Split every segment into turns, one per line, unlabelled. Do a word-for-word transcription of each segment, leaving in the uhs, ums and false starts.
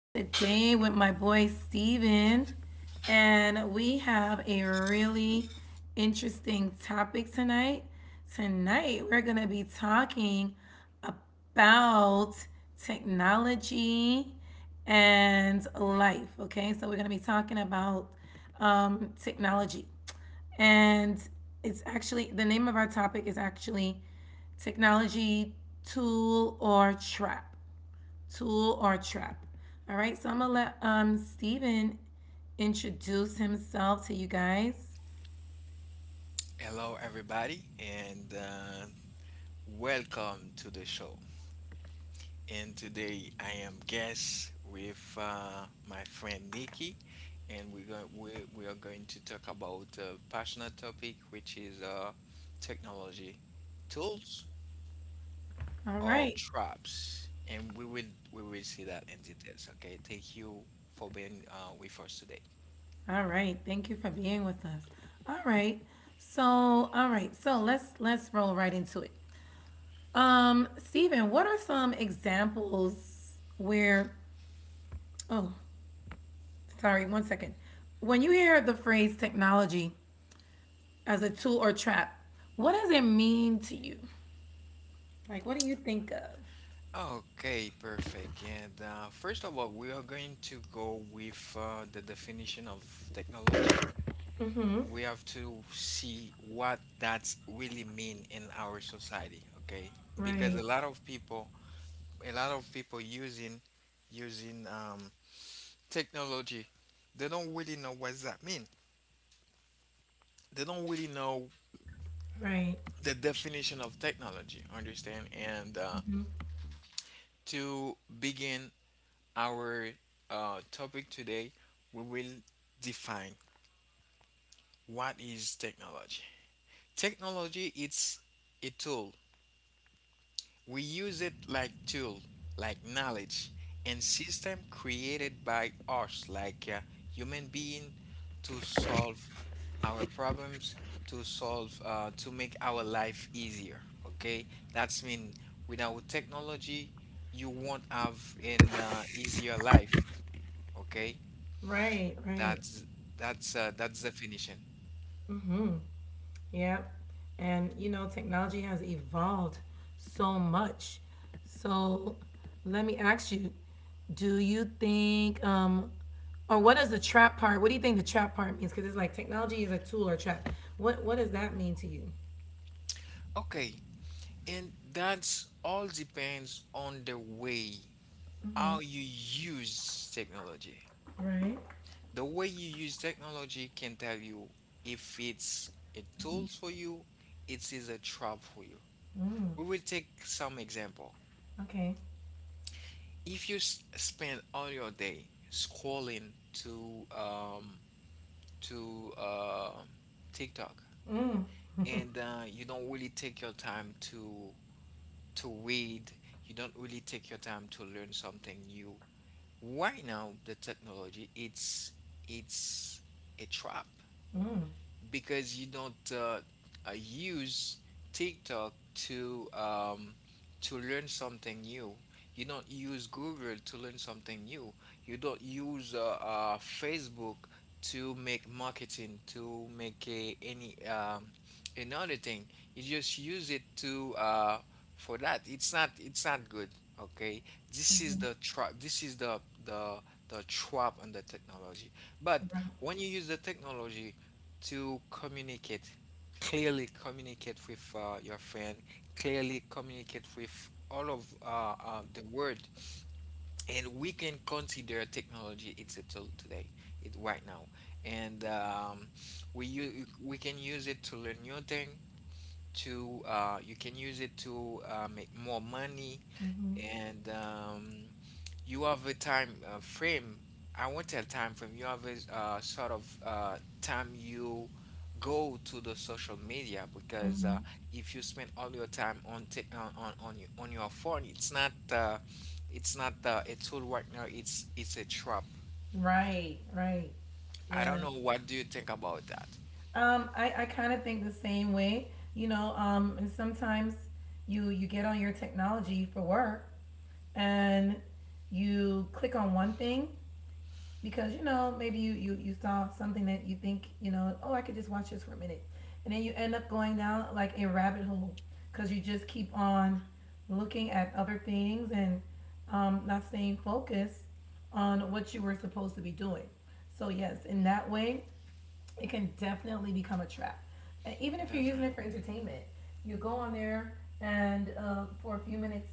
today with my boy Steven. And we have a really interesting topic tonight. Tonight, we're going to be talking about technology and life. Okay, so we're going to be talking about um, technology. And it's actually the name of our topic is actually technology tool or trap. Tool or trap. All right, so I'm gonna let um Steven introduce himself to you guys.
Hello, everybody, and uh, welcome to the show. And today I am guest with uh, my friend Nikki, and we're going we, we are going to talk about a passionate topic, which is uh, technology tools
All right.
or traps, and we will we will see that in details. Okay, thank you for being uh, with us today.
All right. Thank you for being with us. All right. So, all right. So, let's let's roll right into it. Um, Steven, what are some examples where oh, sorry, one second. When you hear the phrase technology, as a tool or trap. What does it mean to you? Like, what do you think of?
Okay, perfect. And uh, first of all, we are going to go with uh, the definition of technology. We have to see what that really mean in our society, okay?
Right,
Because a lot of people, a lot of people using using um, technology, they don't really know what that mean. They don't really know
right.
the definition of technology, understand? And uh,
Hmm.
to begin our uh, topic today, we will define what is technology. Technology it's a tool. We use it like tool, like knowledge and system created by us like uh, human being to solve our problems, to solve uh, to make our life easier. Okay? That's mean without technology you won't have an uh, easier life. Okay?
Right, right.
That's that's uh, that's definition.
Mm-hmm. Yeah. And you know, technology has evolved so much. So let me ask you, do you think, um, or what is the trap part? What do you think the trap part means? Because it's like technology is a tool or trap. What What does that mean to you?
Okay, and that's all depends on the way how you use technology.
Right.
The way you use technology can tell you if it's a tool for you, it is a trap for you. We will take some example.
Okay.
If you s- spend all your day scrolling to um, to uh, TikTok and uh, you don't really take your time to to read, you don't really take your time to learn something new. Right now, the technology it's it's a trap because you don't uh, uh, use TikTok to um, to learn something new. You don't use Google to learn something new. You don't use uh, uh, Facebook to make marketing to make a, any um, another thing. You just use it to uh, for that. It's not it's not good. Okay, this is the trap. This is the the the trap on the technology. But
Right.
when you use the technology to communicate clearly communicate with uh, your friend clearly communicate with all of uh, uh, the world and we can consider technology it's a tool today it right now and um, we u- we can use it to learn new thing to uh, you can use it to uh, make more money and um, you have a time uh, frame. I won't tell time frame. You have a uh, sort of uh, time you go to the social media because
Mm-hmm.
uh, if you spend all your time on tech on on on your, on your phone, it's not uh, it's not uh, a tool right now. It's it's a trap.
Right, right.
I
Yeah.
don't know. What do you think about that?
Um, I, I kind of think the same way, you know, um, and sometimes you you get on your technology for work and you click on one thing because, you know, maybe you, you, you saw something that you think, you know, oh, I could just watch this for a minute. And then you end up going down like a rabbit hole because you just keep on looking at other things and um, not staying focused on what you were supposed to be doing. So yes, in that way, it can definitely become a trap. And even if you're using it for
Definitely.
entertainment, you go on there and uh, for a few minutes,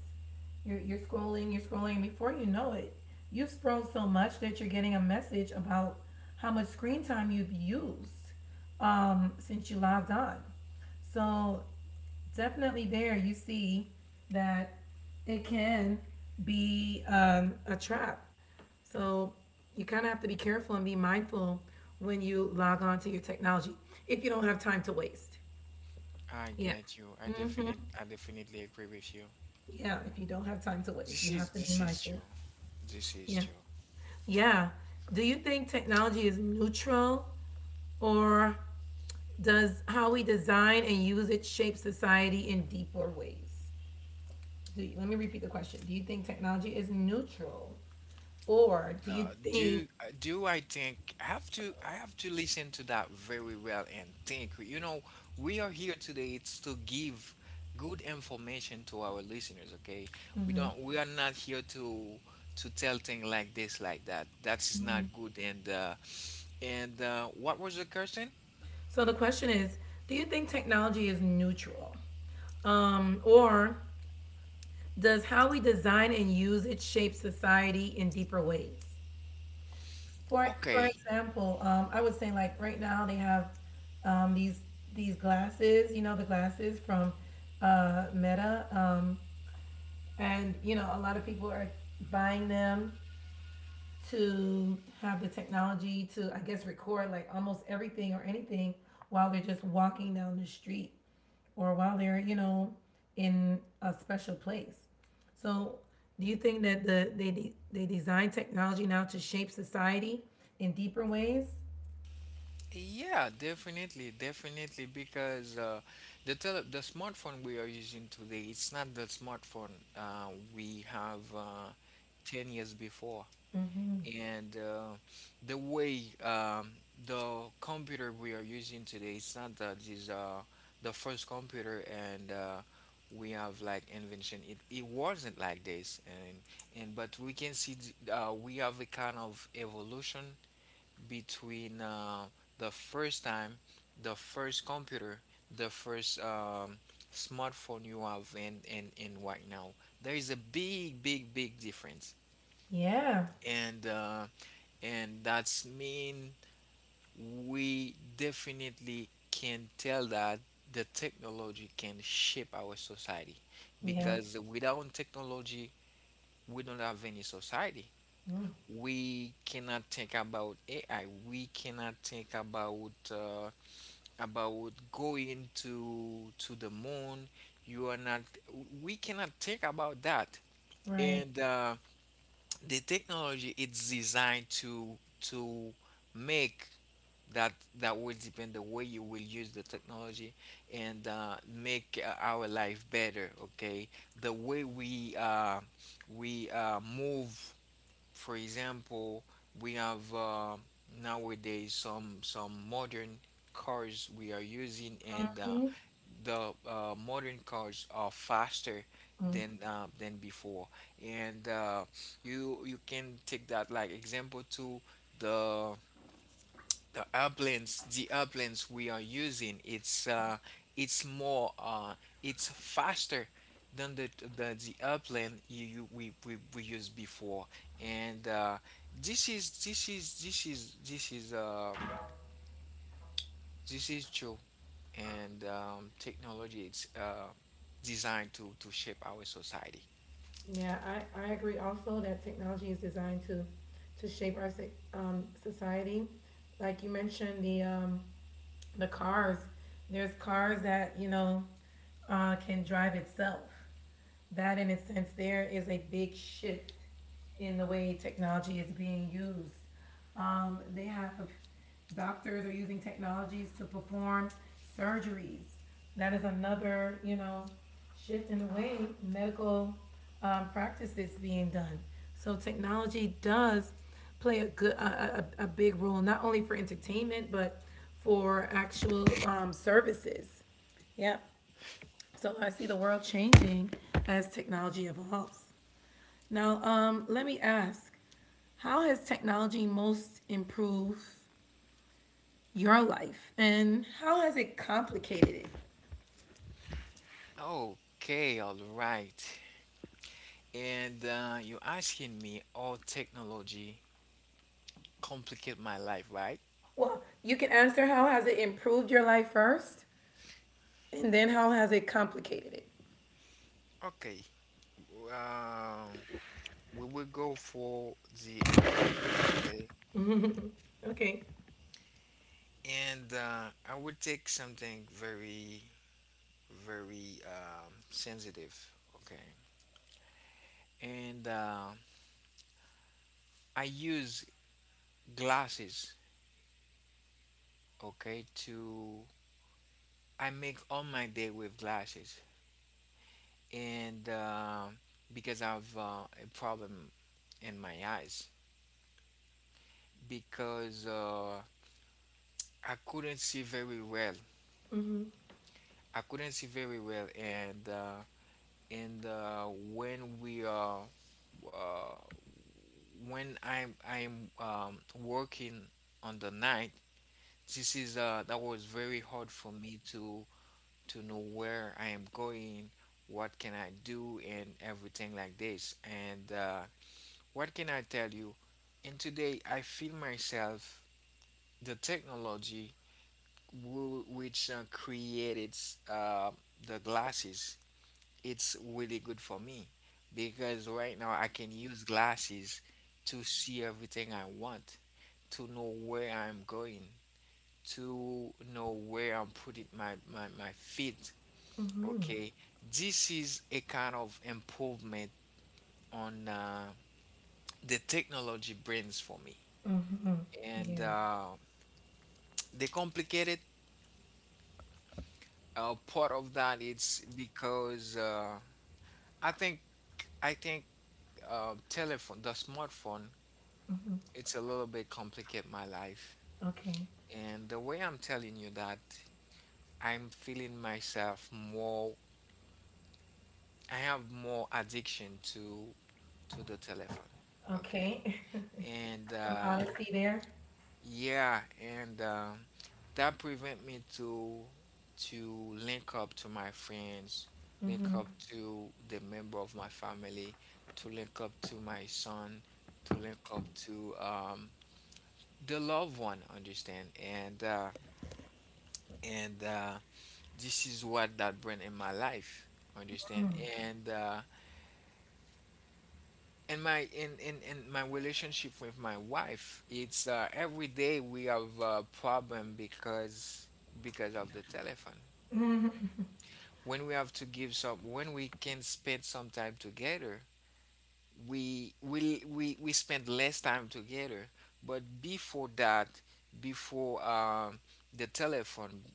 you're, you're scrolling, you're scrolling, and before you know it, you've scrolled so much that you're getting a message about how much screen time you've used um, since you logged on. So definitely there you see that it can be um, a trap. So you kind of have to be careful and be mindful when you log on to your technology if you don't have time to waste.
I
Yeah.
get you. I
Hmm.
definitely I definitely agree with you.
Yeah. If you don't have time to waste, you
This
have to
is
be
this is
mindful.
true. This
Yeah.
is true.
Yeah. Do you think technology is neutral or does how we design and use it shape society in deeper ways? Do you, let me repeat the question. Do you think technology is neutral, or do you
Uh,
think?
do uh, do I think I have to I have to listen to that very well and think. You know, we are here today. It's to give good information to our listeners. Okay, we don't we are not here to to tell things like this like that. That is not good. And uh, and uh, what was the question?
So the question is, do you think technology is neutral, um, or does how we design and use it shape society in deeper ways? For for
Okay.
example, um, I would say like right now they have um, these these glasses, you know, the glasses from uh, Meta, um, and you know a lot of people are buying them to have the technology to, I guess, record like almost everything or anything while they're just walking down the street or while they're, you know, in a special place. So, do you think that the they de- they design technology now to shape society in deeper ways?
Yeah, definitely, definitely, because uh, the tele the smartphone we are using today, it's not the smartphone uh, we have uh, ten years before. And uh, the way um, the computer we are using today, it's not that this uh, the first computer and uh, we have like invention. It, it wasn't like this, and and but we can see th- uh, we have a kind of evolution between uh, the first time, the first computer, the first um, smartphone you have, and, and, and right now. There is a big, big, big difference.
Yeah,
And, uh, and that's mean we definitely can tell that the technology can shape our society
yeah,
because without technology we don't have any society.
Mm.
We cannot think about AI. We cannot think about uh, about going to to the moon. You are not, we cannot think about that.
Right.
And uh, the technology it's designed to to make that. That will depend the way you will use the technology and uh, make uh, our life better. Okay, the way we uh, we uh, move, for example, we have uh, nowadays some some modern cars we are using and uh,
Mhm.
the uh, modern cars are faster
Mm.
than uh, than before, and uh, you you can take that like example to the the airplanes. The airplanes we are using it's uh, it's more uh, it's faster than the the, the airplane you, you we, we we used before, and uh, this is this is this is this is um, this is true and um, technology it's uh, designed to, to shape our society.
Yeah, I, I agree also that technology is designed to to shape our so- um, society. Like you mentioned, the um, the cars. There's cars that you know uh, can drive itself that in a sense there is a big shift in the way technology is being used. Um, they have doctors are using technologies to perform surgeries. That is another, you know, shift in the way medical um, practice is being done. So technology does play a good a, a, a big role not only for entertainment but for actual um, services. Yep. So I see the world changing as technology evolves. Now, um, let me ask how has technology most improved your life and how has it complicated it?
Okay, all right. And uh, you're asking me, all technology complicate my life, right?
Well, you can answer how has it improved your life first and then how has it complicated it?
Okay. Um, we will go for the improvement, okay?
Okay.
And uh, I will take something very, very um, sensitive, okay? And uh, I use glasses, okay, to I make all my day with glasses, and uh, because I've uh, a problem in my eyes, because uh, I couldn't see very well.
Mm-hmm.
I couldn't see very well, and uh, and uh, when we are uh, when I'm I'm um, working on the night, this is uh, that was very hard for me to to know where I am going, what can I do, and everything like this. And uh, what can I tell you? And today I feel myself the technology wh- which uh, created uh, the glasses. It's really good for me because right now I can use glasses to see everything I want, to know where I'm going, to know where I'm putting my, my, my feet. Okay, this is a kind of improvement on uh, the technology brings for me.
Mm-hmm.
And
Yeah.
uh, the complicated uh, part of that it's because uh, I think I think uh, telephone the smartphone
Mm-hmm.
it's a little bit complicate my life
Okay.
and the way I'm telling you that I'm feeling myself more I have more addiction to to the telephone, okay,
Okay.
and
Some
uh,
honesty there.
yeah, and um, that prevent me to to link up to my friends, link
Mm-hmm.
up to the member of my family, to link up to my son, to link up to um, the loved one. Understand? And uh, and uh, this is what that bring in my life. Understand? And uh, in my in, in in my relationship with my wife it's uh, every day we have a problem because because of the telephone. When we have to give some when we can spend some time together we we we, we spend less time together, but before that, before um the telephone,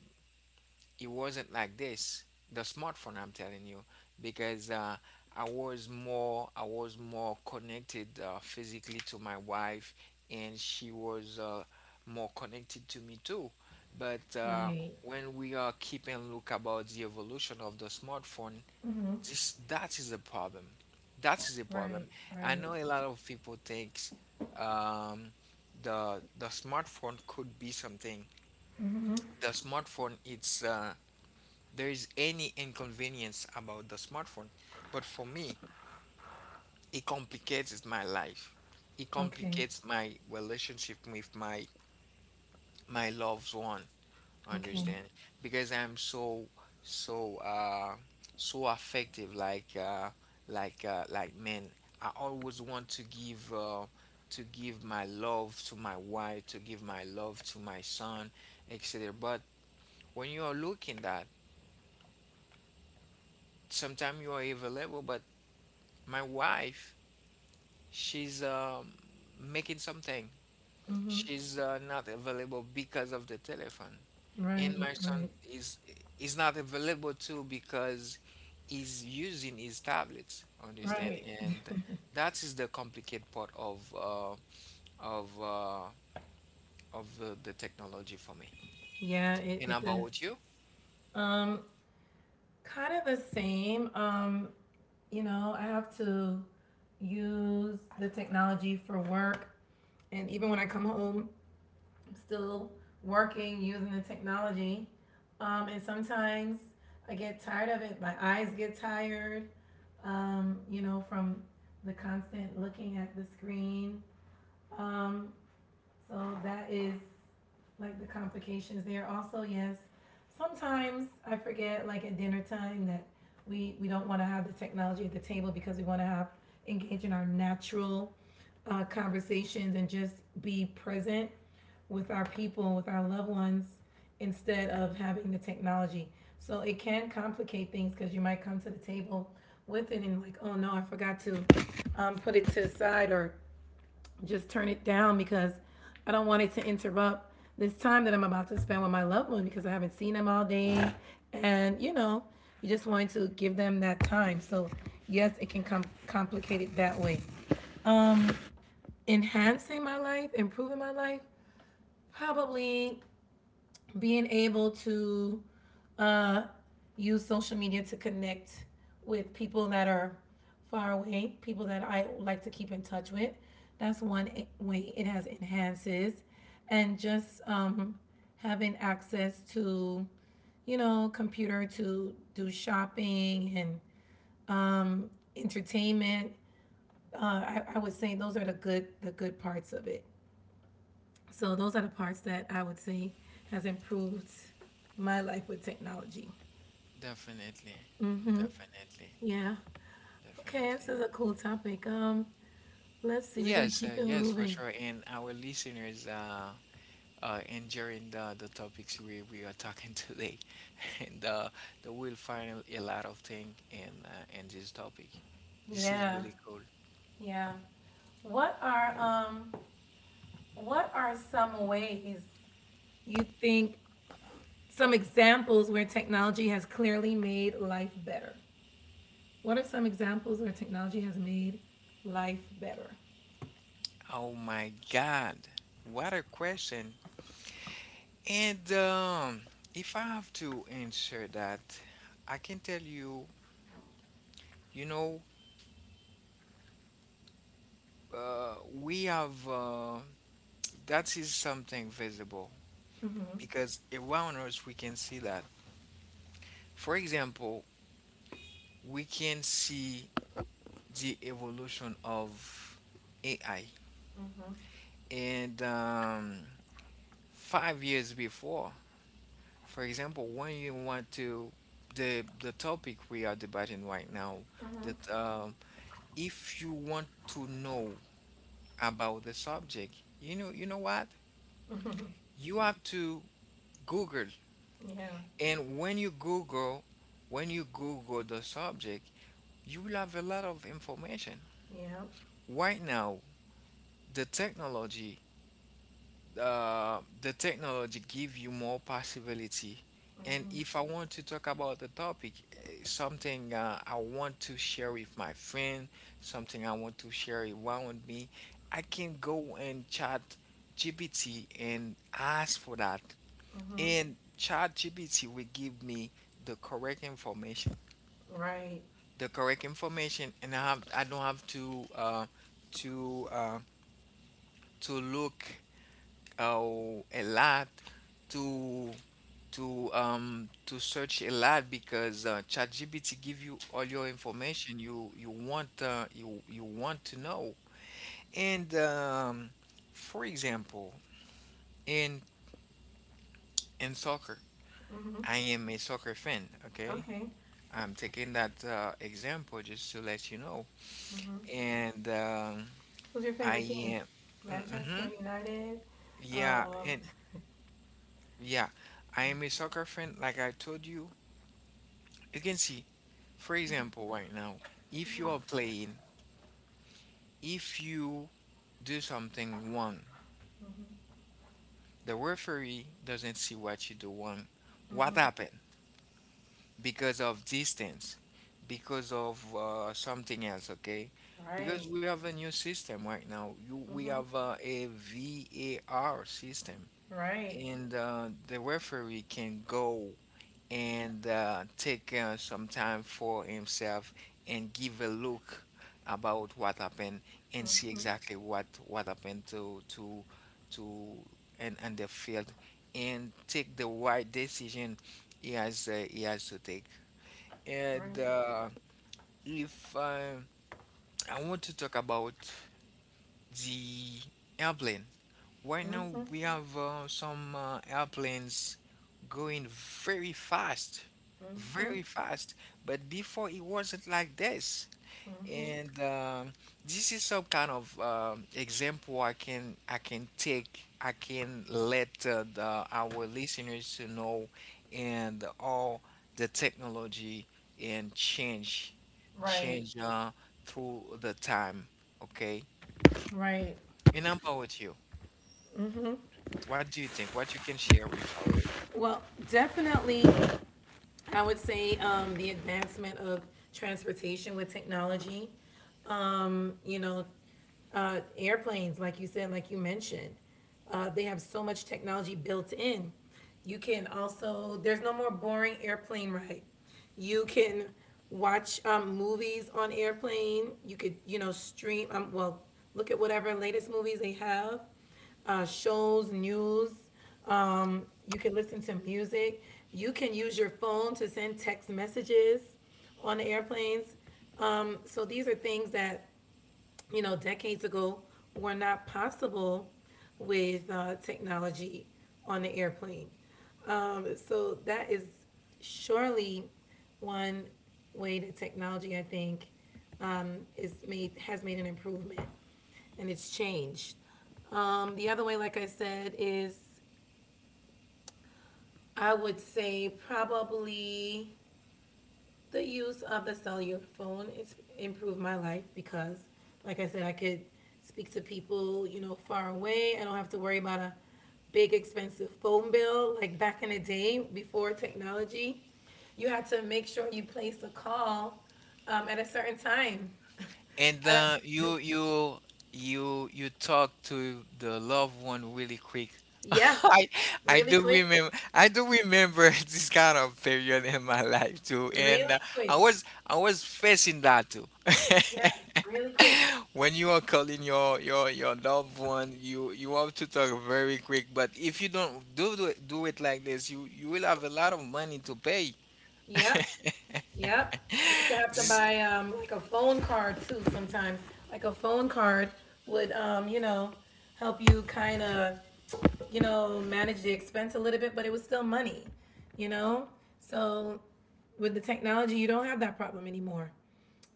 it wasn't like this, the smartphone I'm telling you, because uh, i was more i was more connected uh, physically to my wife and she was uh, more connected to me too, but uh,
Right.
when we are keeping look about the evolution of the smartphone,
Mm-hmm.
this that is a problem. That is a
Right.
problem. I
Right.
know a lot of people thinks, um, the the smartphone could be something, the smartphone it's uh, there is any inconvenience about the smartphone, but for me, it complicates my life. It
Okay.
complicates my relationship with my my loved one.
Okay.
Understand? Because I'm so so uh so affective. Like uh like uh like man, I always want to give uh to give my love to my wife, to give my love to my son, et cetera. But when you are looking that, sometimes you are available, but my wife, she's um, making something.
Mm-hmm.
She's uh, not available because of the telephone. And
Right,
my son
right,
is is not available too because he's using his tablets. Understand?
right.
And that is the complicated part of uh, of uh, of the, the technology for me.
Yeah, it,
And
it does.
about you?
Um, kind of the same. Um, you know, I have to use the technology for work, and even when I come home, I'm still working using the technology. Um, and sometimes I get tired of it. My eyes get tired, um, you know, from the constant looking at the screen. Um, so that is like the complications there. Also, yes, sometimes I forget, like at dinner time, that we we don't want to have the technology at the table because we want to have engage in our natural uh, conversations and just be present with our people, with our loved ones, instead of having the technology. So it can complicate things because you might come to the table with it and like, oh no, I forgot to um, put it to the side or just turn it down because I don't want it to interrupt this time that I'm about to spend with my loved one because I haven't seen them all day. And, you know, you just want to give them that time. So, yes, it can com- complicate it that way. Enhancing my life, improving my life, probably being able to uh, use social media to connect with people that are far away, people that I like to keep in touch with. That's one e- way it has enhances, and just um, having access to, you know, computer to do shopping and entertainment. Uh, I, I would say those are the good the good parts of it. So those are the parts that I would say has improved my life with technology.
Definitely, definitely,
Yeah. Okay, this
definitely.
is a cool topic. Um, let's see, we're gonna
Yes, uh,
keep it
yes, for
moving.
sure. And our listeners, uh, uh, enjoying the, the topics we, we are talking today. And uh, they will find a lot of things in, uh, in this topic. This is
Yeah,
really cool.
yeah. What are um what are some ways you think some examples where technology has clearly made life better? What are some examples where technology has made life better?
Oh my God, what a question. And um, if I have to answer that, I can tell you, you know, uh, we have uh, that is something visible
Mm-hmm.
because around us we can see that. For example, we can see the evolution of A I.
Mm-hmm.
And um, five years before, for example, when you want to the the topic we are debating right now,
Mm-hmm.
that um, if you want to know about the subject, you know, you know what? You have to Google,
Yeah.
and when you Google, when you Google the subject, you will have a lot of information.
Yeah.
Right now, the technology uh, the technology give you more possibility. And if I want to talk about the topic, eh, something uh, I want to share with my friend, something I want to share around me, I can go and chat G P T and ask for that.
Mm-hmm.
And chat G P T will give me the correct information.
Right.
The correct information, and I, have, I don't have to uh, to uh, to look uh, a lot to to um to search a lot because uh, ChatGPT give you all your information you you want, uh, you you want to know. And um, For example, in in soccer,
Mm-hmm.
I am a soccer fan. Okay,
Okay.
I'm taking that uh, example just to let you know.
Mm-hmm.
And um,
Who's your
I
favorite team?
am, mm-hmm,
Manchester United?
yeah,
Um,
and yeah, I am a soccer fan. Like I told you, you can see, for example, right now, if you are playing, if you do something wrong. The referee doesn't see what you do wrong. What
Mm-hmm.
happened? Because of distance, because of uh, something else, okay? Because
Right.
we have a new system right now. You, we
Mm-hmm.
have uh, a V A R system,
Right.
and uh, the referee can go and uh, take uh, some time for himself and give a look about what happened and see
Mm-hmm.
exactly what what happened to to to and and the field and take the right decision he has uh, he has to take. And
Right.
uh, if uh, I want to talk about the airplane. Right now
Mm-hmm.
we have uh, some uh, airplanes going very fast,
Mm-hmm.
very fast. But before it wasn't like this.
Mm-hmm.
And um, This is some kind of um, example I can I can take. I can let uh, the, our listeners to know and all the technology and change
Right.
change uh, through the time. Okay.
Right.
And how about you? What do you think? What you can share with our.
Well, definitely, I would say um, the advancement of transportation with technology. Um, you know, uh, airplanes, like you said, like you mentioned, uh, they have so much technology built in. You can also, there's no more boring airplane ride. You can watch um, movies on airplane. You could, you know, stream. Um, well, look at whatever latest movies they have, uh, shows, news. Um, you can listen to music. You can use your phone to send text messages on airplanes. Um, so these are things that you know, decades ago were not possible with uh, technology on the airplane. Um, so that is surely one way that technology, I think, um, is made has made an improvement and it's changed. Um, the other way, like I said, is I would say probably the use of the cellular phone it's improved my life because like I said I could speak to people you know far away. I don't have to worry about a big expensive phone bill like back in the day. Before technology you had to make sure you placed a call um, at a certain time.
And
I,
uh, you you you you talk to the loved one really quick.
yeah
I I
really
do
quick.
remember. I do remember this kind of period in my life too,
Really
and uh, I
quick.
was I was facing that too.
Yeah really quick.
When you are calling your your your loved one, you you have to talk very quick. But if you don't do do it, do it like this, you you will have a lot of money to pay.
Yeah. Yep. Used to have to
This,
buy um like a phone card too sometimes. Like a phone card would um, you know, help you kind of, you know, manage the expense a little bit, but it was still money, you know? So with the technology, you don't have that problem anymore.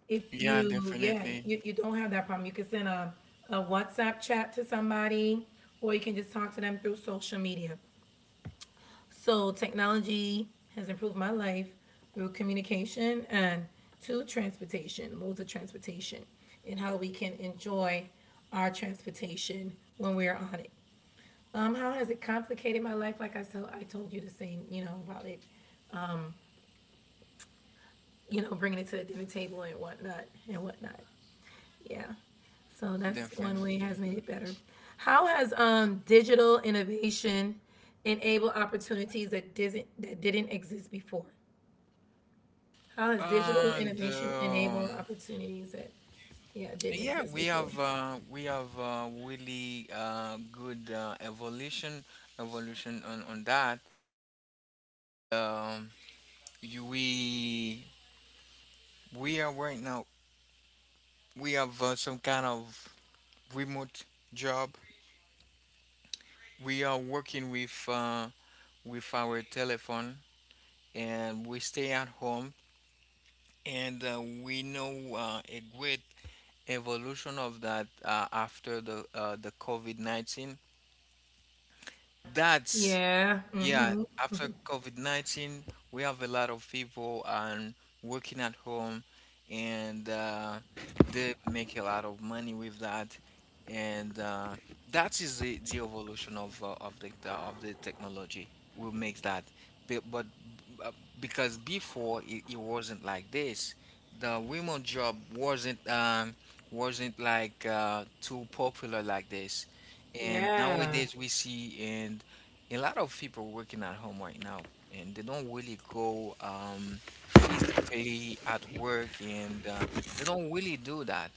If
yeah,
you, yeah, you,
definitely,
you you don't have that problem. You can send a, a WhatsApp chat to somebody or you can just talk to them through social media. So technology has improved my life through communication and to transportation, modes of transportation, and how we can enjoy our transportation when we're on it. Um, how has it complicated my life? Like I told, I told you the same, you know, about it, you know, bringing it to the dinner table and whatnot and whatnot. Yeah. So that's one way it has
definitely.
made it better. How has um, digital innovation enabled opportunities that didn't that didn't exist before? How has digital
And
innovation enabled
um,
opportunities that yeah didn't
Yeah,
exist
we
before?
have uh, we have uh, really uh, good uh, evolution evolution on on that. Um, you, we we are right now we have uh, some kind of remote job. We are working with uh, with our telephone, and we stay at home, and uh, we know uh, a great evolution of that uh, after the uh, the COVID nineteen. That's
Yeah.
Yeah,
Hmm.
after COVID nineteen, we have a lot of people, um, working at home, and uh, they make a lot of money with that. And uh, that is the, the evolution of, uh, of the the- of the technology. We make that. Be- But, uh, because before it, it wasn't like this. The women job wasn't um, wasn't like uh, too popular like this. And
Yeah.
nowadays we see and a lot of people working at home right now, and they don't really go um, physically at work, and uh, they don't really do that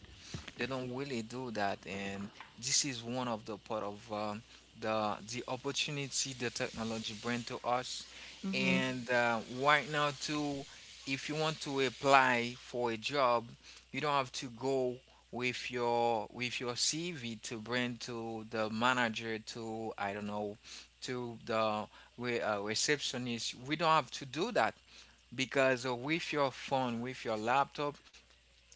they don't really do that, and this is one of the part of um, the the opportunity the technology bring to us.
Hmm.
And uh, right now too, if you want to apply for a job, you don't have to go with your with your C V to bring to the manager, to I don't know, to the re- uh, receptionist. We don't have to do that because, uh, with your phone, with your laptop,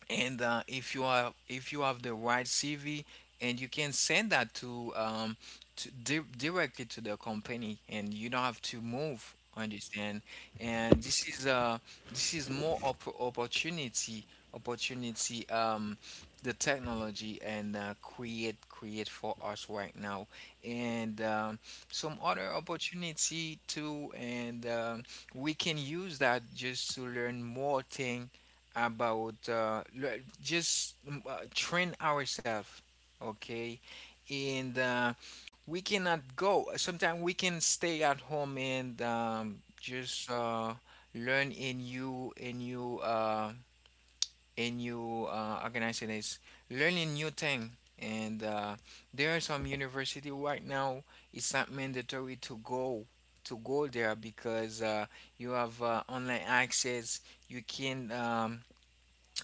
and uh, if you are if you have the right C V, and you can send that to, um to di- directly to the company, and you don't have to move, understand? And this is, uh this is more op- opportunity opportunity, um the technology, and uh, create create for us right now. And um, some other opportunity too. And um, we can use that just to learn more thing about, uh, le- just mm, uh, train ourselves, okay? And uh, we cannot go. Sometimes we can stay at home and um, just uh, learn a new, a new, uh, a new uh, organization is learning new thing. And uh, there are some university right now. It's not mandatory to go to go there because uh, you have uh, online access. You can um,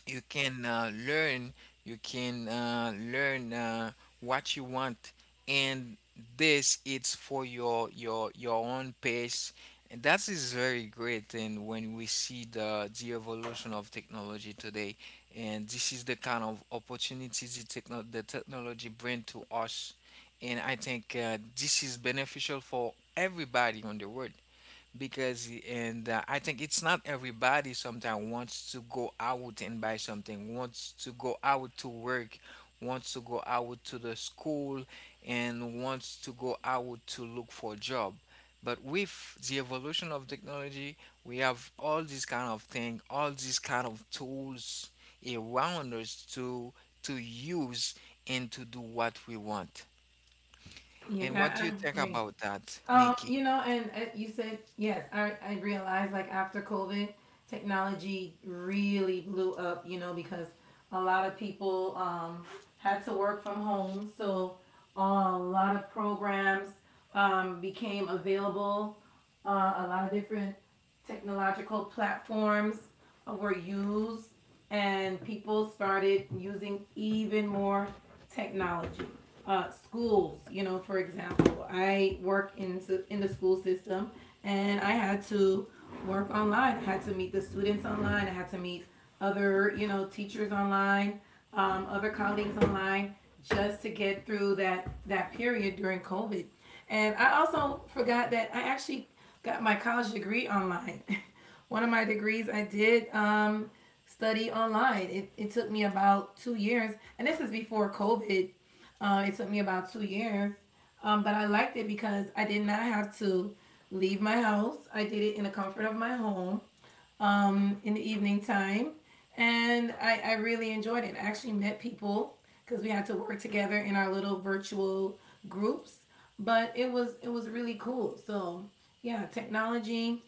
you can uh, learn you can uh, learn uh, what you want, and this it's for your your your own pace. And that is very great. And when we see the the evolution of technology today, and this is the kind of opportunities the, techno- the technology bring to us. And I think uh, this is beneficial for everybody on the world. Because and uh, I think it's not everybody sometimes wants to go out and buy something, wants to go out to work, wants to go out to the school, and wants to go out to look for a job. But with the evolution of technology, we have all these kind of thing, all these kind of tools around us to to use and to do what we want. And
Yeah,
what do
I
you think
agree.
about that,
Um,
Nikki?
you know, and uh, you said yes. I I realized like after COVID, technology really blew up. You know, because a lot of people um had to work from home, so a lot of programs um became available. Uh, a lot of different technological platforms were used and people started using even more technology. Uh, schools, you know, for example, I work into in the school system, and I had to work online. I had to meet the students online. I had to meet other, you know, teachers online, um, other colleagues online, just to get through that that period during COVID. And I also forgot that I actually got my college degree online. One of my degrees I did um, study online. It, it took me about two years, and this is before COVID. Uh, it took me about two years, um, but I liked it because I did not have to leave my house. I did it in the comfort of my home um, in the evening time. And I, I really enjoyed it. I actually met people because we had to work together in our little virtual groups. But it was it was really cool. So yeah, technology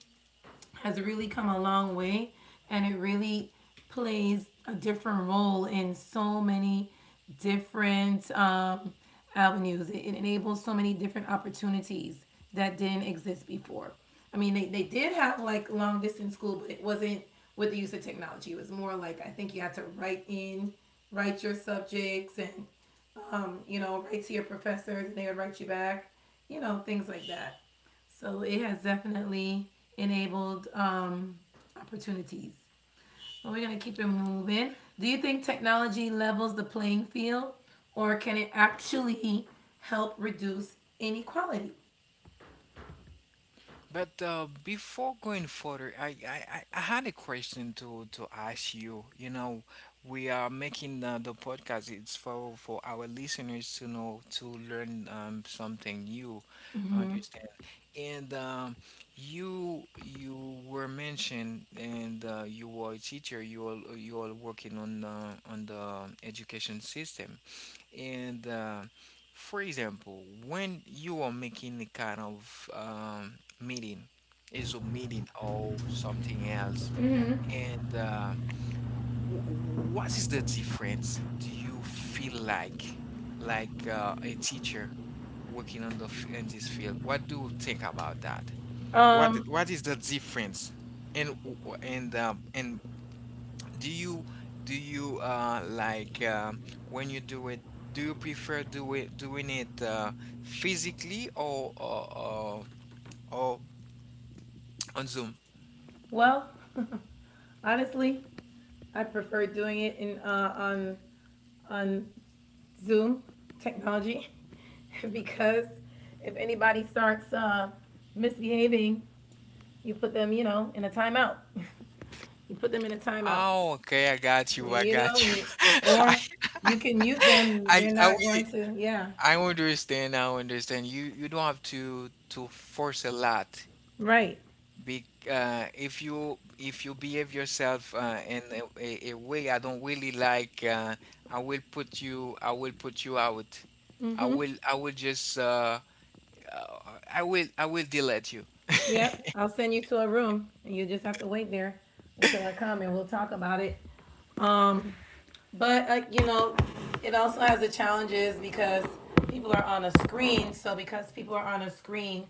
has really come a long way, and it really plays a different role in so many different um, avenues. It, it enables so many different opportunities that didn't exist before. I mean, they, they did have like long distance school, but it wasn't with the use of technology. It was more like I think you had to write in, write your subjects, and um, you know, write to your professors, and they would write you back. You know, things like that. So it has definitely enabled um, opportunities. And we're going to keep it moving. Do you think technology levels the playing field, or can it actually help reduce inequality?
But uh, before going further, I, I, I I had a question to, to ask you. You know, we are making uh, the podcast. It's for for our listeners to know, to learn um, something new,
Mm-hmm.
understand. And um, you you were mentioned, and uh, you were a teacher. You all you all working on, uh, on the education system. And uh, for example, when you are making a kind of um, meeting, a Zoom meeting or something else.
Mm-hmm.
And uh, w- what is the difference? Do you feel like, like uh, a teacher working on the f- in this field? What do you think about that? What
Um,
what is the difference? And w- w- and uh, and do you do you uh like um when you do it, do you prefer do it, doing it, uh physically, or or or, or on Zoom?
well, honestly, I prefer doing it in uh, on on Zoom technology because if anybody starts uh, misbehaving, you put them, you know, in a timeout. You put them in a timeout.
Oh, okay, I got you.
Yeah,
I
you know,
got you.
you
I,
or you can mute them.
I
They're
I
not
really
going to. Yeah,
I understand. I understand. You you don't have to to force a lot.
right.
Be, uh, if you if you behave yourself, uh, in a, a, a way I don't really like, uh, I will put you I will put you out. I
Hmm.
will I will just uh, uh, I will I will delete you.
Yep. I'll send you to a room, and you just have to wait there until I come, and we'll talk about it. Um, but uh, you know, it also has the challenges because people are on a screen. So because people are on a screen,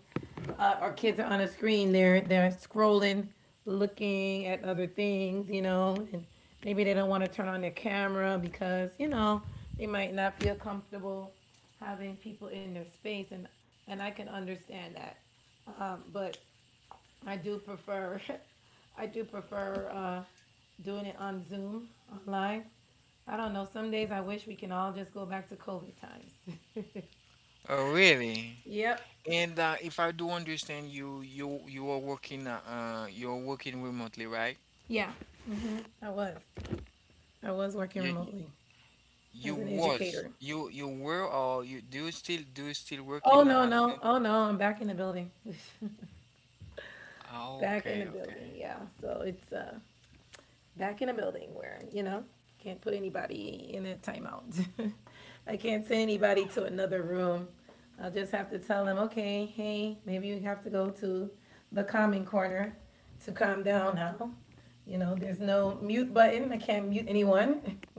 uh, our kids are on a screen. They're they're scrolling, looking at other things, you know, and maybe they don't want to turn on their camera because you know they might not feel comfortable having people in their space, and and I can understand that. Um, but I do prefer, I do prefer uh, doing it on Zoom online. I don't know. Some days I wish we can all just go back to COVID times.
Oh really?
Yep.
And uh, if I do understand you, you you are working uh, uh, you're working remotely, right?
Yeah. I was. I was working
You
remotely.
you
As an
was
educator.
you you were or you do you still do you still
Oh
working
no,
uh,
no,
at?
oh no, I'm back in the building.
Ah,
Back in the
okay,
building,
okay.
yeah. So it's uh back in a building where, you know, you can't put anybody in a timeout. I can't send anybody to another room. I'll just have to tell them, okay, hey, maybe you have to go to the calming corner to calm down now. You know, there's no mute button. I can't mute anyone.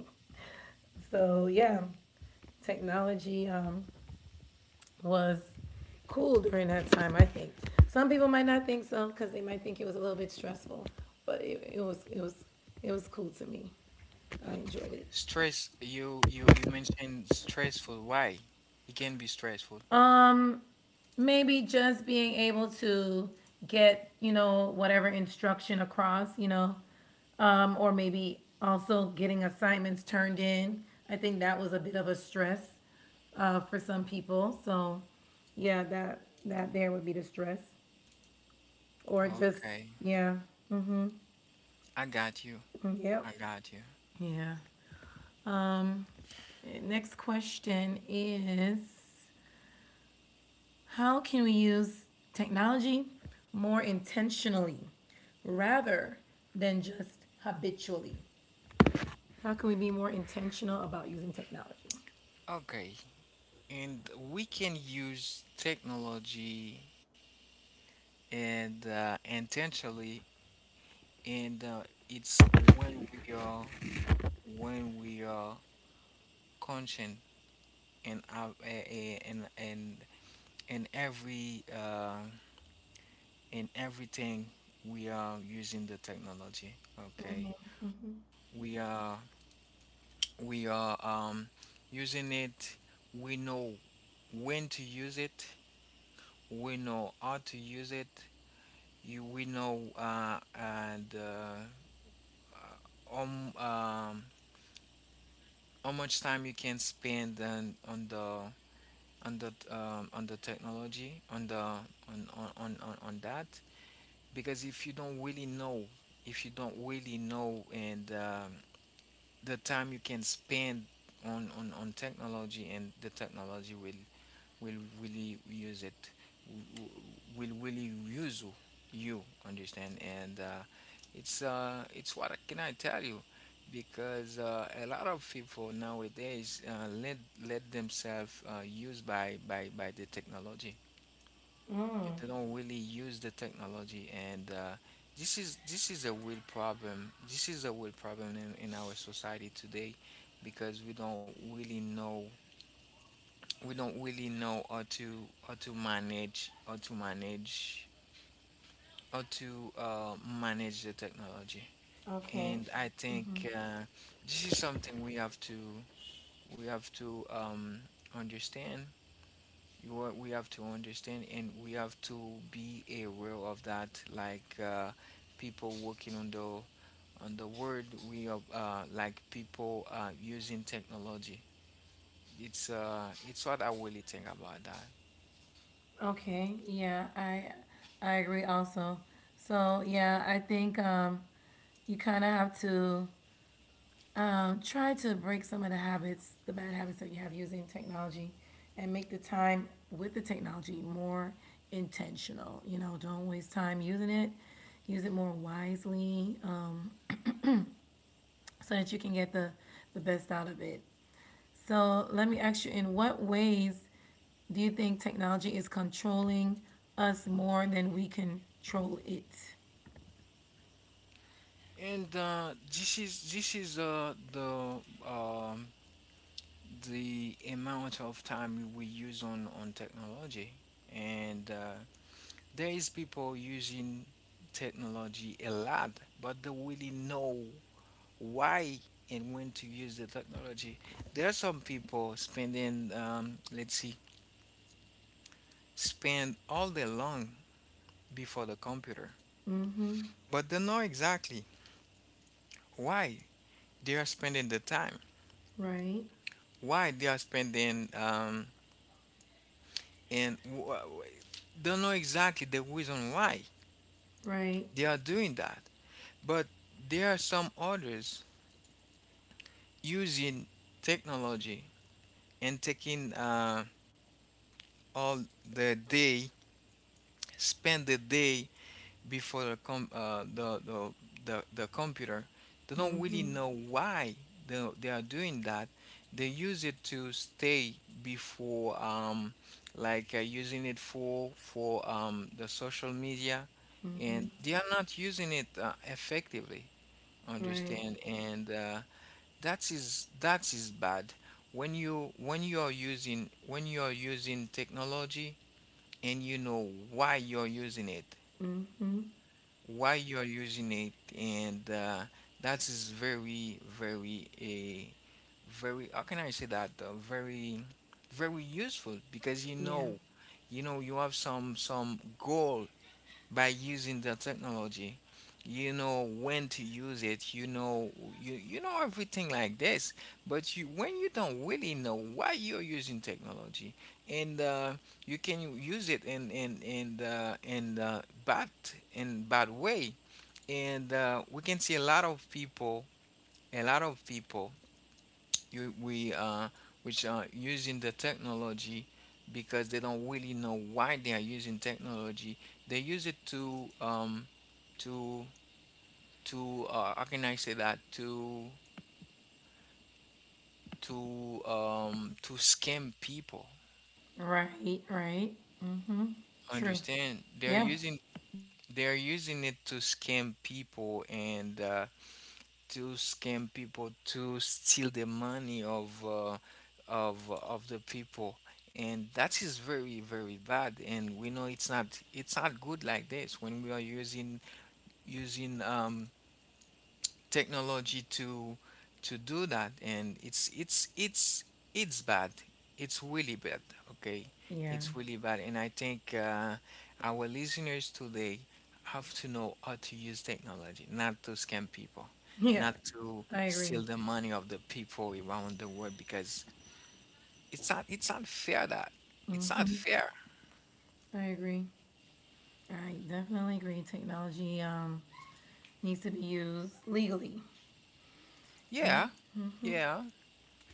So yeah, technology um was cool during that time. I think some people might not think so because they might think it was a little bit stressful, but it, it was it was it was cool to me. I enjoyed it.
Stress, you you you mentioned stressful. Why? It can be stressful.
Um, maybe just being able to get you know whatever instruction across, you know, um, or maybe also getting assignments turned in. I think that was a bit of a stress uh, for some people. So yeah, that that there would be the stress or just
Okay,
yeah.
I got you.
Yep.
I got you.
Yeah. Um, okay, next question is: how can we use technology more intentionally rather than just habitually? How can we be more intentional about using technology?
Okay, and we can use technology and, uh, intentionally, and uh, it's when we are when we are conscious, and uh, and and and every uh, in everything we are using the technology. Okay, we are. we are, um, using it. We know when to use it. We know how to use it. You, we know uh, and uh, uh, um, um, how much time you can spend on, on the on the um, on the technology on the on, on, on, on on that. Because if you don't really know if you don't really know and um, the time you can spend on, on, on technology. And the technology will will really use it w- will really use you. You understand. And uh, it's uh it's what I- can I tell you. Because uh, a lot of people nowadays, uh, let let themselves, uh, used by, by by the technology. They don't really use the technology. And uh, this is this is a real problem. This is a real problem in, in our society today. Because we don't really know we don't really know how to how to manage how to manage how to uh, manage the technology.
Okay.
And I think uh, this is something we have to we have to um, understand. You- we have to understand and we have to be aware of that, like uh, people working on the on the world. We are, uh, like people uh, using technology. It's uh it's what I really think about that.
Okay. Yeah, I I agree also. So, yeah, I think um you kind of have to Um, try to break some of the habits, the bad habits that you have using technology, and make the time with the technology more intentional. You know, don't waste time using it. Use it more wisely um, so that you can get the, the best out of it. So, let me ask you, in what ways do you think technology is controlling us more than we control it?
And uh, this is this is, uh, the um, the amount of time we use on on technology. And uh, there is people using technology a lot, but they really know why and when to use the technology. There are some people spending, um, let's see, spend all day long before the computer,
Mm-hmm.
but they know exactly why they are spending the time,
Right.
why they are spending. Um, and wh- don't know exactly the reason why
Right.
they are doing that. But there are some others using technology and taking, uh, all the day, spend the day before the com- uh, the, the the the computer. They don't really
Mm-hmm.
know why they, they are doing that. They use it to stay before, um, like uh, using it for for um, the social media, and
Mm-hmm.
they are not using it uh, effectively
Right.
understand. And uh, that is that is bad. When you when you are using when you are using technology and you know why you're using it,
Mm-hmm.
why you're using it and uh, that is very very a very, how can I say that, uh, very very useful, because you
Yeah.
know, you know you have some some goal by using the technology. You know when to use it, you know you, you know everything like this. But you when you don't really know why you're using technology, and uh, you can use it in in in the in the bad, in bad way. And uh, we can see a lot of people, a lot of people you we uh which are using the technology because they don't really know why they are using technology. They use it to um to to uh, how can I say that, to to um to scam people.
Right, right. Mm-hmm. True.
Understand? They're
Yeah.
using they're using it to scam people and uh, to scam people to steal the money of uh, of of the people. And that is very very bad. And we know it's not it's not good like this, when we are using using um technology to to do that. And it's it's it's it's bad, it's really bad, okay,
Yeah.
it's really bad. And I think uh, our listeners today have to know how to use technology, not to scam people,
Yeah.
not to
I
steal
agree.
the money of the people around the world, because it's not it's not fair that, it's not
Mm-hmm.
fair.
I agree. I definitely agree. Technology um needs to be used legally. Yeah,
Yeah, yeah.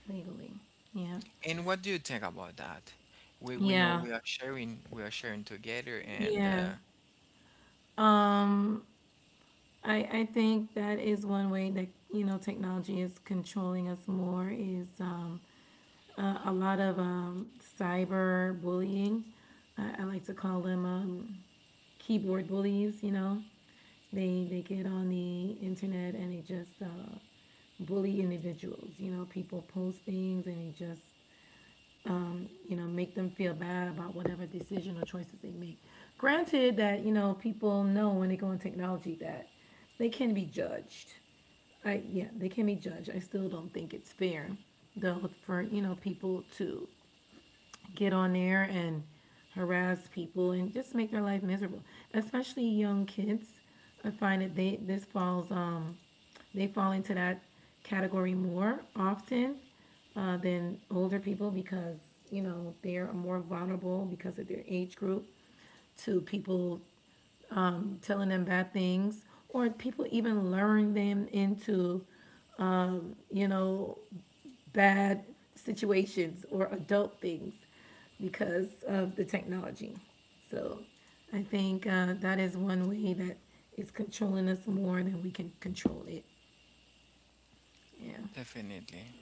legally. Yeah.
And what do you think about that? We we know
Yeah.
we are sharing, we are sharing together, and
Yeah.
uh,
Um, I I think that is one way that you know technology is controlling us more is um a, a lot of um cyber bullying. I, I like to call them um keyboard bullies, you know. They they get on the internet and they just uh, bully individuals. You know, people post things and they just you know make them feel bad about whatever decision or choices they make. Granted that you know people know when they go in technology that they can be judged. I yeah, they can be judged. I still don't think it's fair though for you know people to get on there and harass people and just make their life miserable, especially young kids. I find that they this falls um they fall into that category more often uh, than older people because, you know, they're more vulnerable because of their age group to people telling them bad things or people even luring them into, you know, bad situations or adult things because of the technology. So I think uh, that is one way that it's controlling us more than we can control it. Yeah.
definitely,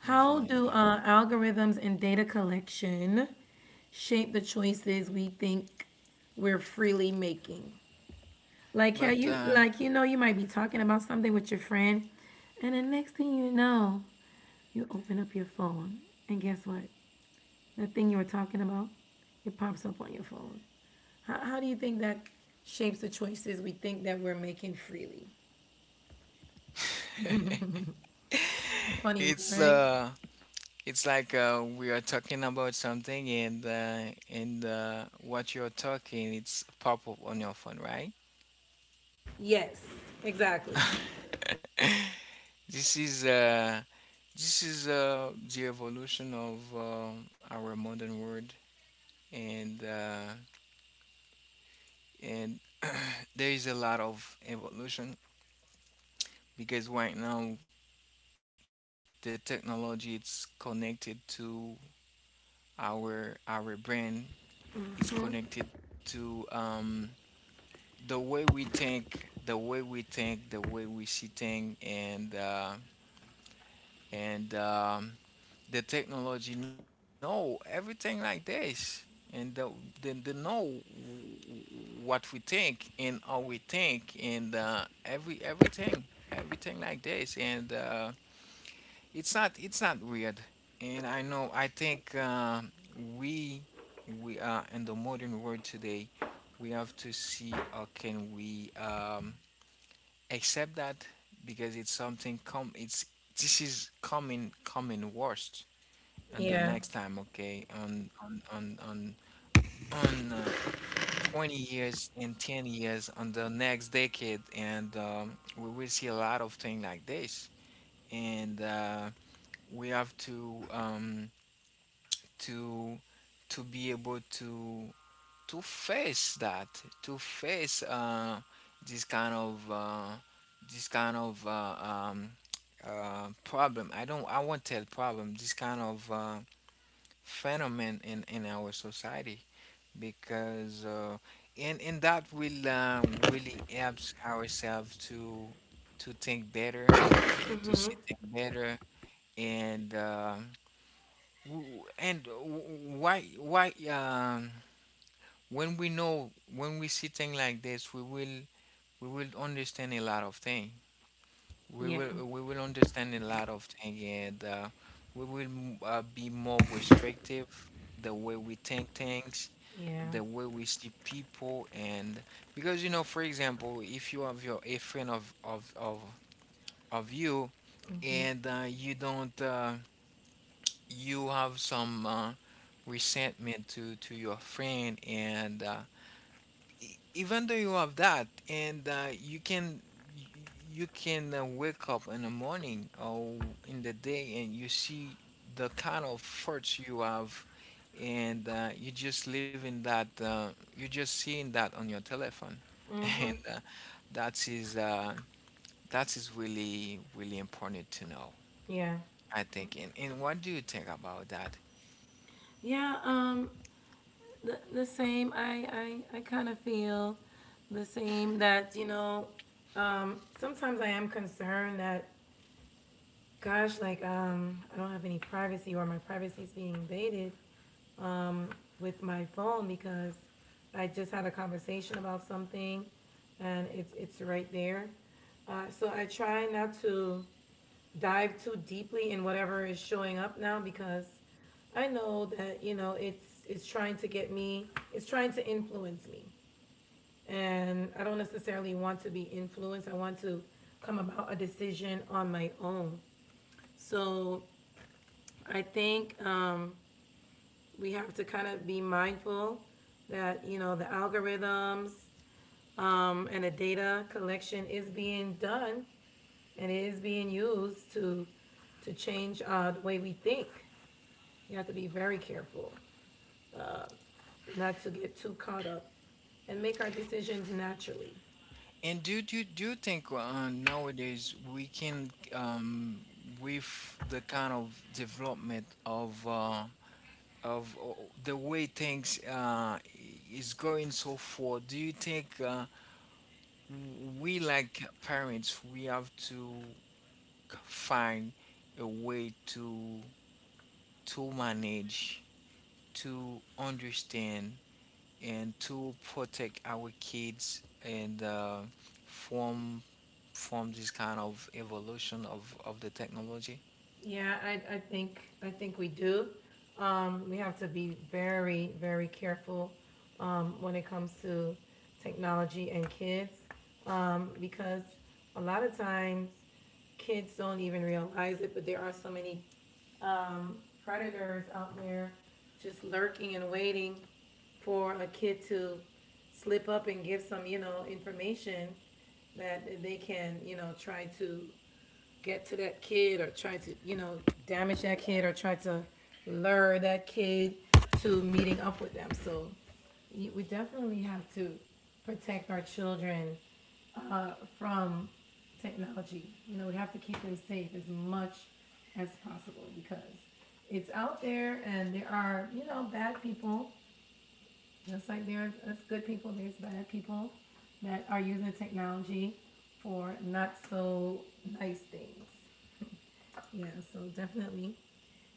How do
definitely.
uh, algorithms and data collection shape the choices we think we're freely making? Like how
But
you
uh,
like you know you might be talking about something with your friend, and the next thing you know, you open up your phone, and guess what? The thing you were talking about, it pops up on your phone. How, how do you think that shapes the choices we think that we're making freely? A funny one,
it's
right?
uh, it's like uh, we are talking about something, and uh, and uh, what you're talking, it's pop up on your phone, right?
Yes, exactly.
This is uh, this is uh, the evolution of um our modern world, and uh, and there is a lot of evolution because right now the technology, it's connected to our our brain, is connected
Hmm.
to um, the way we think, the way we think, the way we see things, and uh, and um, the technology know everything like this. And the, they, they know what we think and how we think, and uh, every everything, everything like this, and. Uh, It's not it's not weird. And I know I think um, we we are in the modern world today. We have to see how can we um, accept that, because it's something come, it's, this is coming coming worst. And the next time,
Yeah,
okay, on on on on on uh, twenty years and ten years, on the next decade, and um, we will see a lot of things like this. And uh, we have to um, to to be able to to face that, to face uh, this kind of, uh, this kind of uh, um, uh, problem. I don't, I won't tell problem, this kind of uh, phenomenon in in our society. Because uh, and and that will uh, really helps ourselves to to think better, to see things better, and um, w- and w- why, why um when we know, when we see things like this, we will we will understand a lot of things. We
yeah,
will we will understand a lot of things. And uh, we will m- uh, be more restrictive, the way we think things,
yeah.
the way we see people. And because, you know, for example, if you have your a friend of of of, of you, and uh, you don't uh, you have some uh, resentment to to your friend. and uh, e- even though you have that, and uh, you can, y- you can uh, wake up in the morning or in the day, and you see the kind of thoughts you have, and uh, you just live in that, uh, you're just seeing that on your telephone and
Mm-hmm.
uh, that is uh, that is really really important to know,
Yeah.
I think. And, and what do you think about that?
Yeah. Um. The, the same. I I I kind of feel the same. That you know. Um. Sometimes I am concerned that. Gosh, like um, I don't have any privacy, or my privacy is being invaded um, with my phone because I just had a conversation about something, and it's it's right there. Uh, so I try not to dive too deeply in whatever is showing up now because I know that you know it's it's trying to get me, it's trying to influence me, and I don't necessarily want to be influenced. I want to come about a decision on my own, so I think um, we have to kind of be mindful that you know the algorithms um, and the data collection is being done, and it is being used to to change uh, the way we think. You have to be very careful uh, not to get too caught up, and make our decisions naturally.
And do do do you think uh, nowadays we can um, with the kind of development of, uh, of uh, the way things uh, is going so far, do you think uh, we, like parents, we have to find a way to to manage, to understand, and to protect our kids and uh, from from this kind of evolution of, of the technology?
Yeah, I I think I think we do. Um, we have to be very very careful um, when it comes to technology and kids um, because a lot of times kids don't even realize it, but there are so many predators out there just lurking and waiting for a kid to slip up and give some, you know, information that they can, you know, try to get to that kid or try to, you know, damage that kid or try to lure that kid to meeting up with them. So we definitely have to protect our children uh, from technology. You know, we have to keep them safe as much as possible because it's out there and there are, you know, bad people. Just like there's as good people, there's bad people that are using the technology for not so nice things. Yeah, so definitely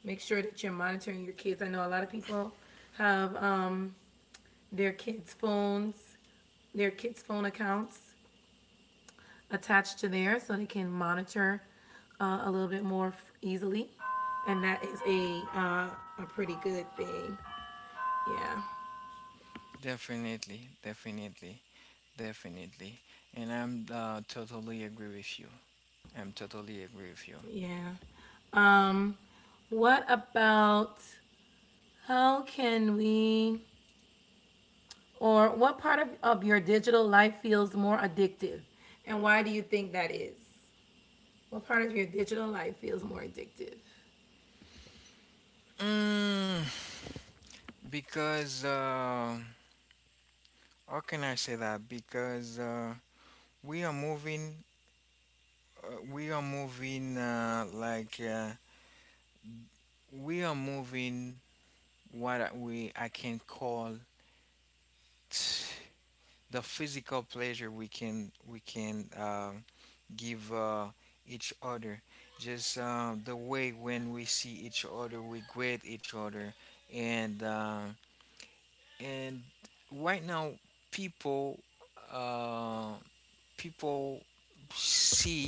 make sure that you're monitoring your kids. I know a lot of people have um, their kids' phones, their kids' phone accounts attached to theirs so they can monitor uh, a little bit more f- easily. And that is a, uh, a pretty good thing. Yeah,
Definitely, definitely, definitely. And I'm uh, totally agree with you. I'm totally agree with you.
yeah. Um, what about how can we, or what part of, of your digital life feels more addictive? And why do you think that is? What part of your digital life feels more addictive?
Mm, because, uh, how can I say that? Because uh, we are moving, uh, we are moving uh, like, uh, we are moving, what I- we I can call t- the physical pleasure we can, we can um give uh, each other. Just uh, the way when we see each other, we greet each other, and uh, and right now people, uh, people see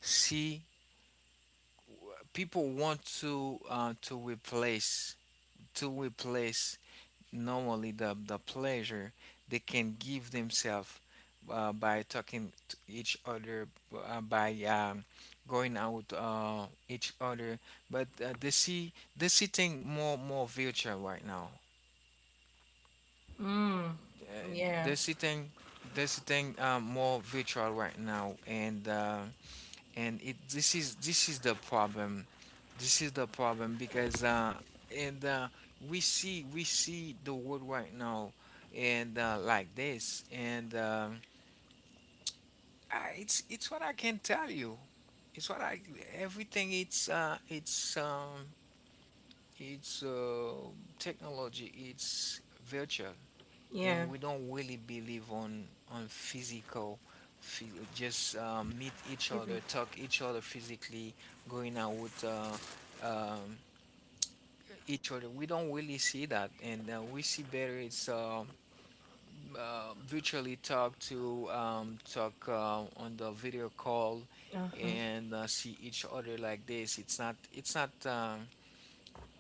see people want to uh, to replace, to replace normally the the pleasure they can give themselves, uh, by talking to each other, uh, by um, going out uh, each other. But uh, they see, they see thing more more virtual right now,
Mm.
uh,
Yeah.
they see thing they see thing uh, more virtual right now. And uh, and it, this is, this is the problem, this is the problem. Because uh and uh we see, we see the world right now and uh like this, and um I, it's it's what I can tell you. It's what I Everything, it's uh it's um it's uh technology, it's virtual, and
Yeah.
we don't really believe on on physical, phy- just uh, meet each
Excuse me.
other, talk each other physically, going out with uh, um, each other. We don't really see that. And uh, we see better, it's uh, uh, virtually talk to, um, talk uh, on the video call
Uh-huh.
and uh, see each other like this. It's not, it's not um,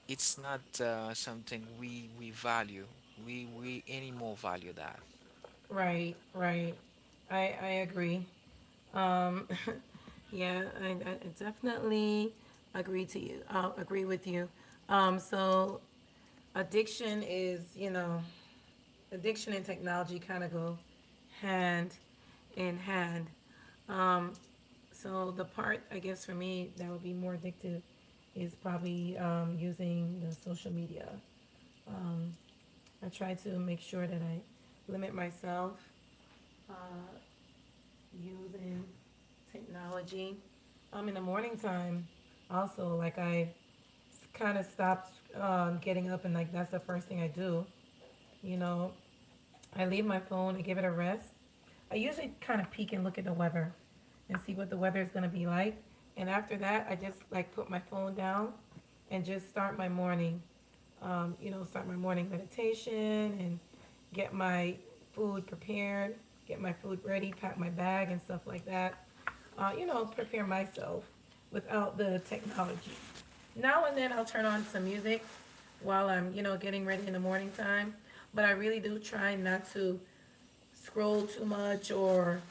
it's not uh, something we we value, we we any more value that.
Right. Right. I I agree. Um yeah, I, I I definitely agree to you. I will agree with you. Um so addiction is, you know, addiction and technology kind of go hand in hand. Um, so the part, I guess, for me that would be more addictive is probably um, using the social media. Um, I try to make sure that I limit myself uh, using technology. Um, in the morning time, also, like I kind of stopped um, getting up and like that's the first thing I do. You know, I leave my phone and give it a rest. I usually kind of peek and look at the weather and see what the weather is going to be like. And after that, I just like put my phone down and just start my morning. Um, you know, start my morning meditation and get my food prepared, get my food ready, pack my bag and stuff like that. Uh, you know, prepare myself without the technology now and then I'll turn on some music while I'm, you know, getting ready in the morning time. But I really do try not to scroll too much or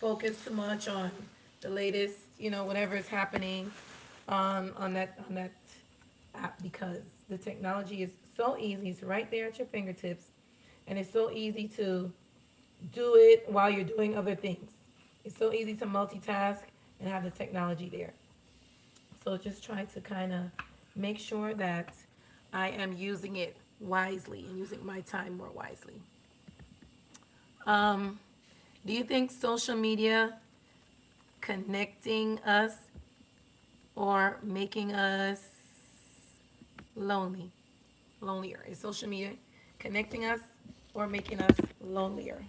focus too much on the latest, you know, whatever is happening um, on that on that app because the technology is so easy. It's right there at your fingertips, and it's so easy to do it while you're doing other things. It's so easy to multitask and have the technology there. So just try to kind of make sure that I am using it wisely and using my time more wisely. Um, do you think social media connecting us or making us lonely, lonelier? Is social media connecting us or making us lonelier?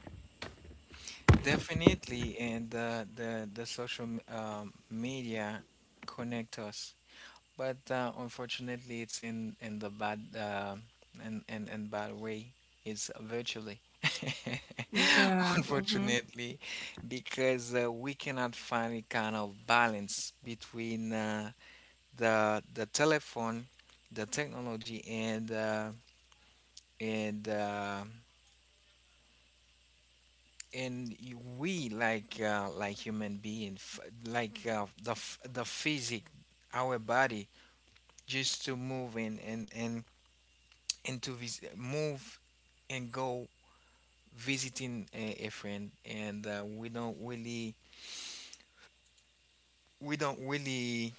Definitely. And the the the social m- um, media connect us, but uh, unfortunately, it's in in the bad, uh, and and and bad way. It's virtually,
Yeah. Mm-hmm.
unfortunately, because uh, we cannot find a kind of balance between uh, the the telephone, the technology, and uh, and uh, and y- we, like uh, like human being, f- like uh, the f- the physic, our body, just to move and, and and, and to vis- move and go visiting a, a friend. And uh, we don't really, we don't really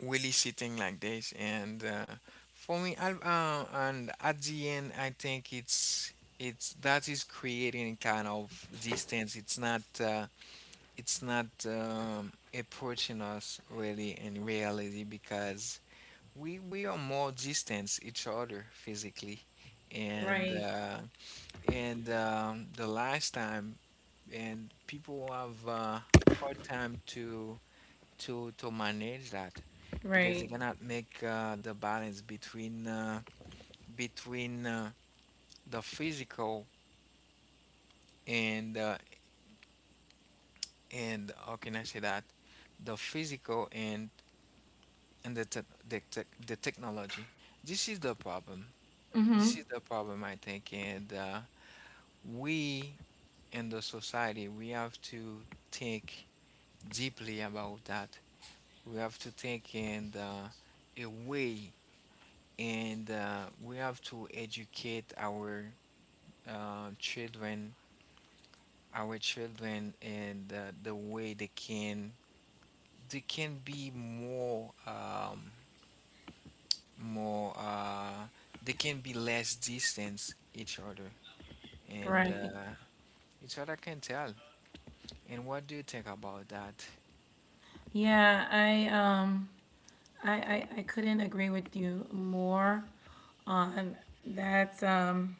really sitting like this. And uh, for me, I, uh, and at the end, I think it's it's that is creating kind of distance. It's not uh, it's not um, approaching us really in reality, because we we are more distant each other physically. And
Right.
uh, and um, the last time, and people have uh, hard time to to to manage that, because they
Right.
cannot make uh, the balance between, uh, between uh, the physical, and uh, and, how can I say that, the physical, and, and the te- the, tech the technology. This is the problem. This
Mm-hmm.
is the problem, I think. And uh, we, in the society, we have to think deeply about that. We have to think in uh, a way, and uh, we have to educate our uh, children, our children, and uh, the way they can, they can be more. Um, more uh they can be less distance each other. And
Right.
uh It's what I can tell. And what do you think about that?
Yeah. I um. I, I, I couldn't agree with you more on that um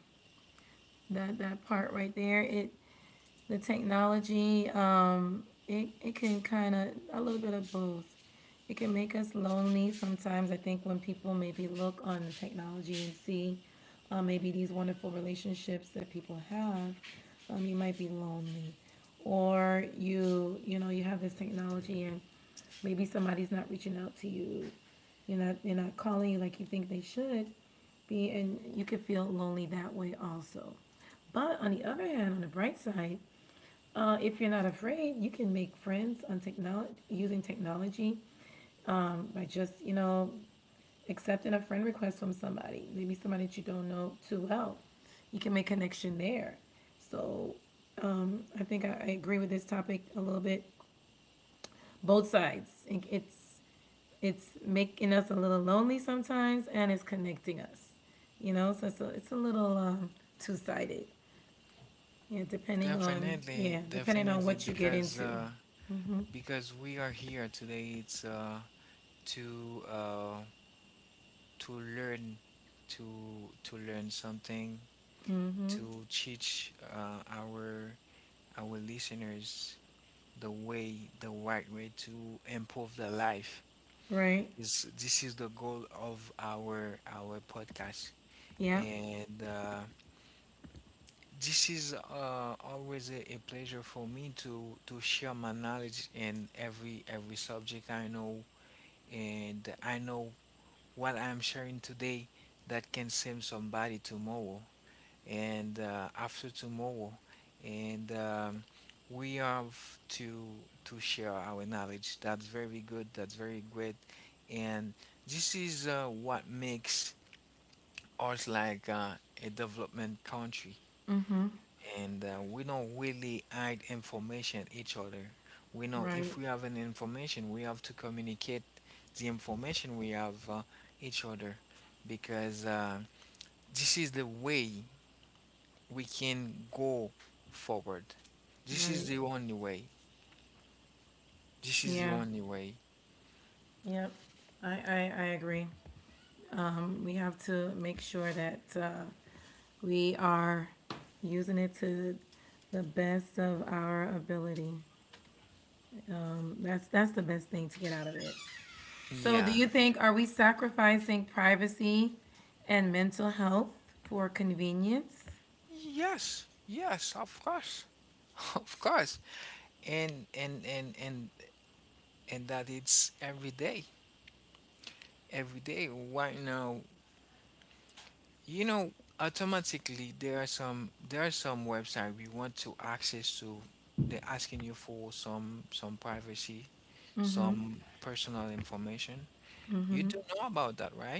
that that part right there. It the technology um it, it can kind of a little bit of both. It can make us lonely sometimes. I think when people maybe look on the technology and see uh, maybe these wonderful relationships that people have, um, you might be lonely, or you you know, you have this technology and maybe somebody's not reaching out to you, you're not they're not calling you like you think they should be, and you can feel lonely that way also. But on the other hand, on the bright side, uh, if you're not afraid, you can make friends on technology using technology, um, by just, you know, accepting a friend request from somebody, maybe somebody that you don't know too well. You can make connection there. So I think I, I agree with this topic a little bit. Both sides. It's it's making us a little lonely sometimes, and it's connecting us. You know, so it's a, it's a little um, two sided. Yeah, depending on,
Definitely,
yeah, depending on
definitely,
what you get
because uh
into. Mm-hmm.
because we are here today, it's uh to uh to learn, to to learn something,
Mm-hmm.
to teach uh, our our listeners the way, the right way to improve their life,
Right.
is, this is the goal of our our podcast.
Yeah.
And uh, this is uh, always a, a pleasure for me to to share my knowledge in every every subject I know. And I know what I'm sharing today that can save somebody tomorrow, and uh, after tomorrow. And um, we have to to share our knowledge. That's very good, that's very great. And this is uh, what makes us like uh, a development country.
Mm-hmm.
And uh, we don't really hide information each other. We know, if
Right.
we have an information, we have to communicate the information we have, uh, each other, because uh, this is the way we can go forward. This is
Right.
the only way. This is the
Yeah.
only way.
Yep. I, I, I agree. Um, we have to make sure that uh, we are using it to the best of our ability. That's that's the best thing to get out of it. So,
Yeah.
do you think are we sacrificing privacy and mental health for convenience?
Yes. Yes, of course. Of course. And and and and and that, it's every day. Every day right now. You know, automatically there are some, there are some website we want to access to. They're asking you for some, some privacy,
Mm-hmm.
some personal information. You do know about that, right?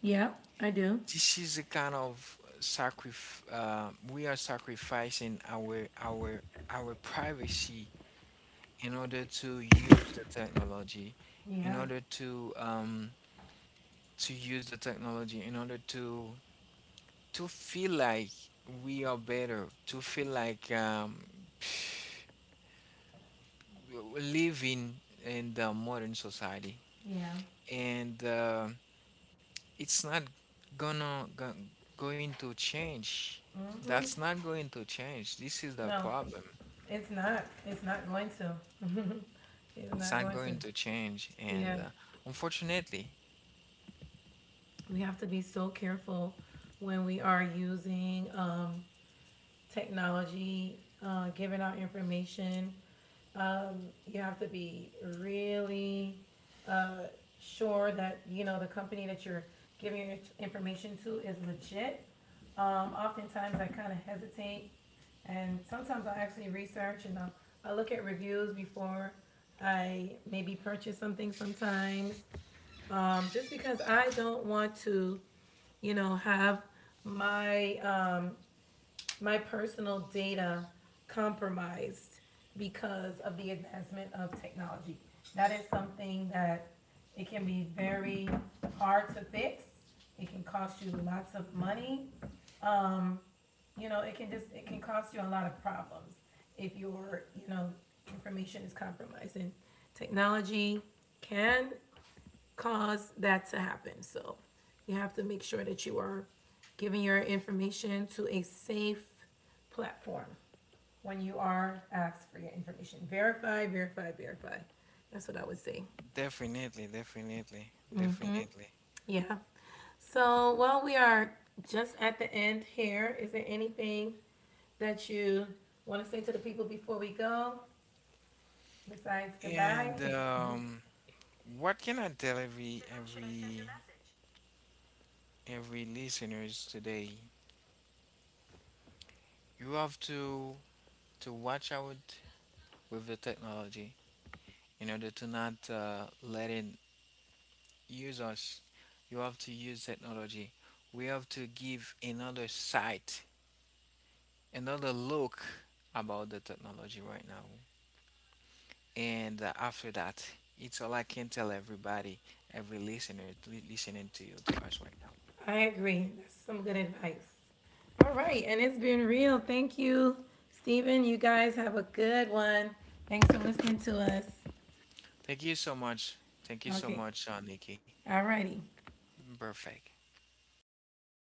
Yeah, I do.
This is a kind of sacrifice. Uh, we are sacrificing our our our privacy in order to use the technology, in
Yeah.
order to um, to use the technology in order to to feel like we are better, to feel like um, living in the modern society.
Yeah.
And uh, it's not gonna go, going to change. That's
Mm-hmm.
not going to change. This is the
No,
problem.
it's not. It's not going to. It's
It's
not
not
going
going
to.
to change, and
Yeah,
uh, unfortunately,
we have to be so careful when we are using um, technology, uh, giving out information. Um, you have to be really uh, sure that you know the company that you're giving your information to is legit. Um, oftentimes, I kind of hesitate, and sometimes I actually research and I'll, I look at reviews before I maybe purchase something. Sometimes, um, just because I don't want to, you know, have my um, my personal data compromised because of the advancement of technology. That is something that it can be very hard to fix. It can cost you lots of money. Um, you know, it can just, it can cost you a lot of problems if your, you know, information is compromised. And technology can cause that to happen. So you have to make sure that you are giving your information to a safe platform when you are asked for your information. Verify, verify, verify. That's what I would say.
definitely, definitely, definitely.
Yeah. So, well, we are just at the end here. Is there anything that you want to say to the people before we go besides
And
goodbye?
um, what can I tell every, every every listeners today? You have to to watch out with the technology, in order to not uh, let it use us. You have to use technology. We have to give another sight, another look about the technology right now. And uh, after that, it's all I can tell everybody, every listener listening to you to us right now.
I agree. That's some good advice. All right, and it's been real. Thank you, Stephen. You guys have a good one. Thanks for listening to us.
Thank you so much. Thank you so
Okay.
much, uh, Nikki.
All righty.
Perfect.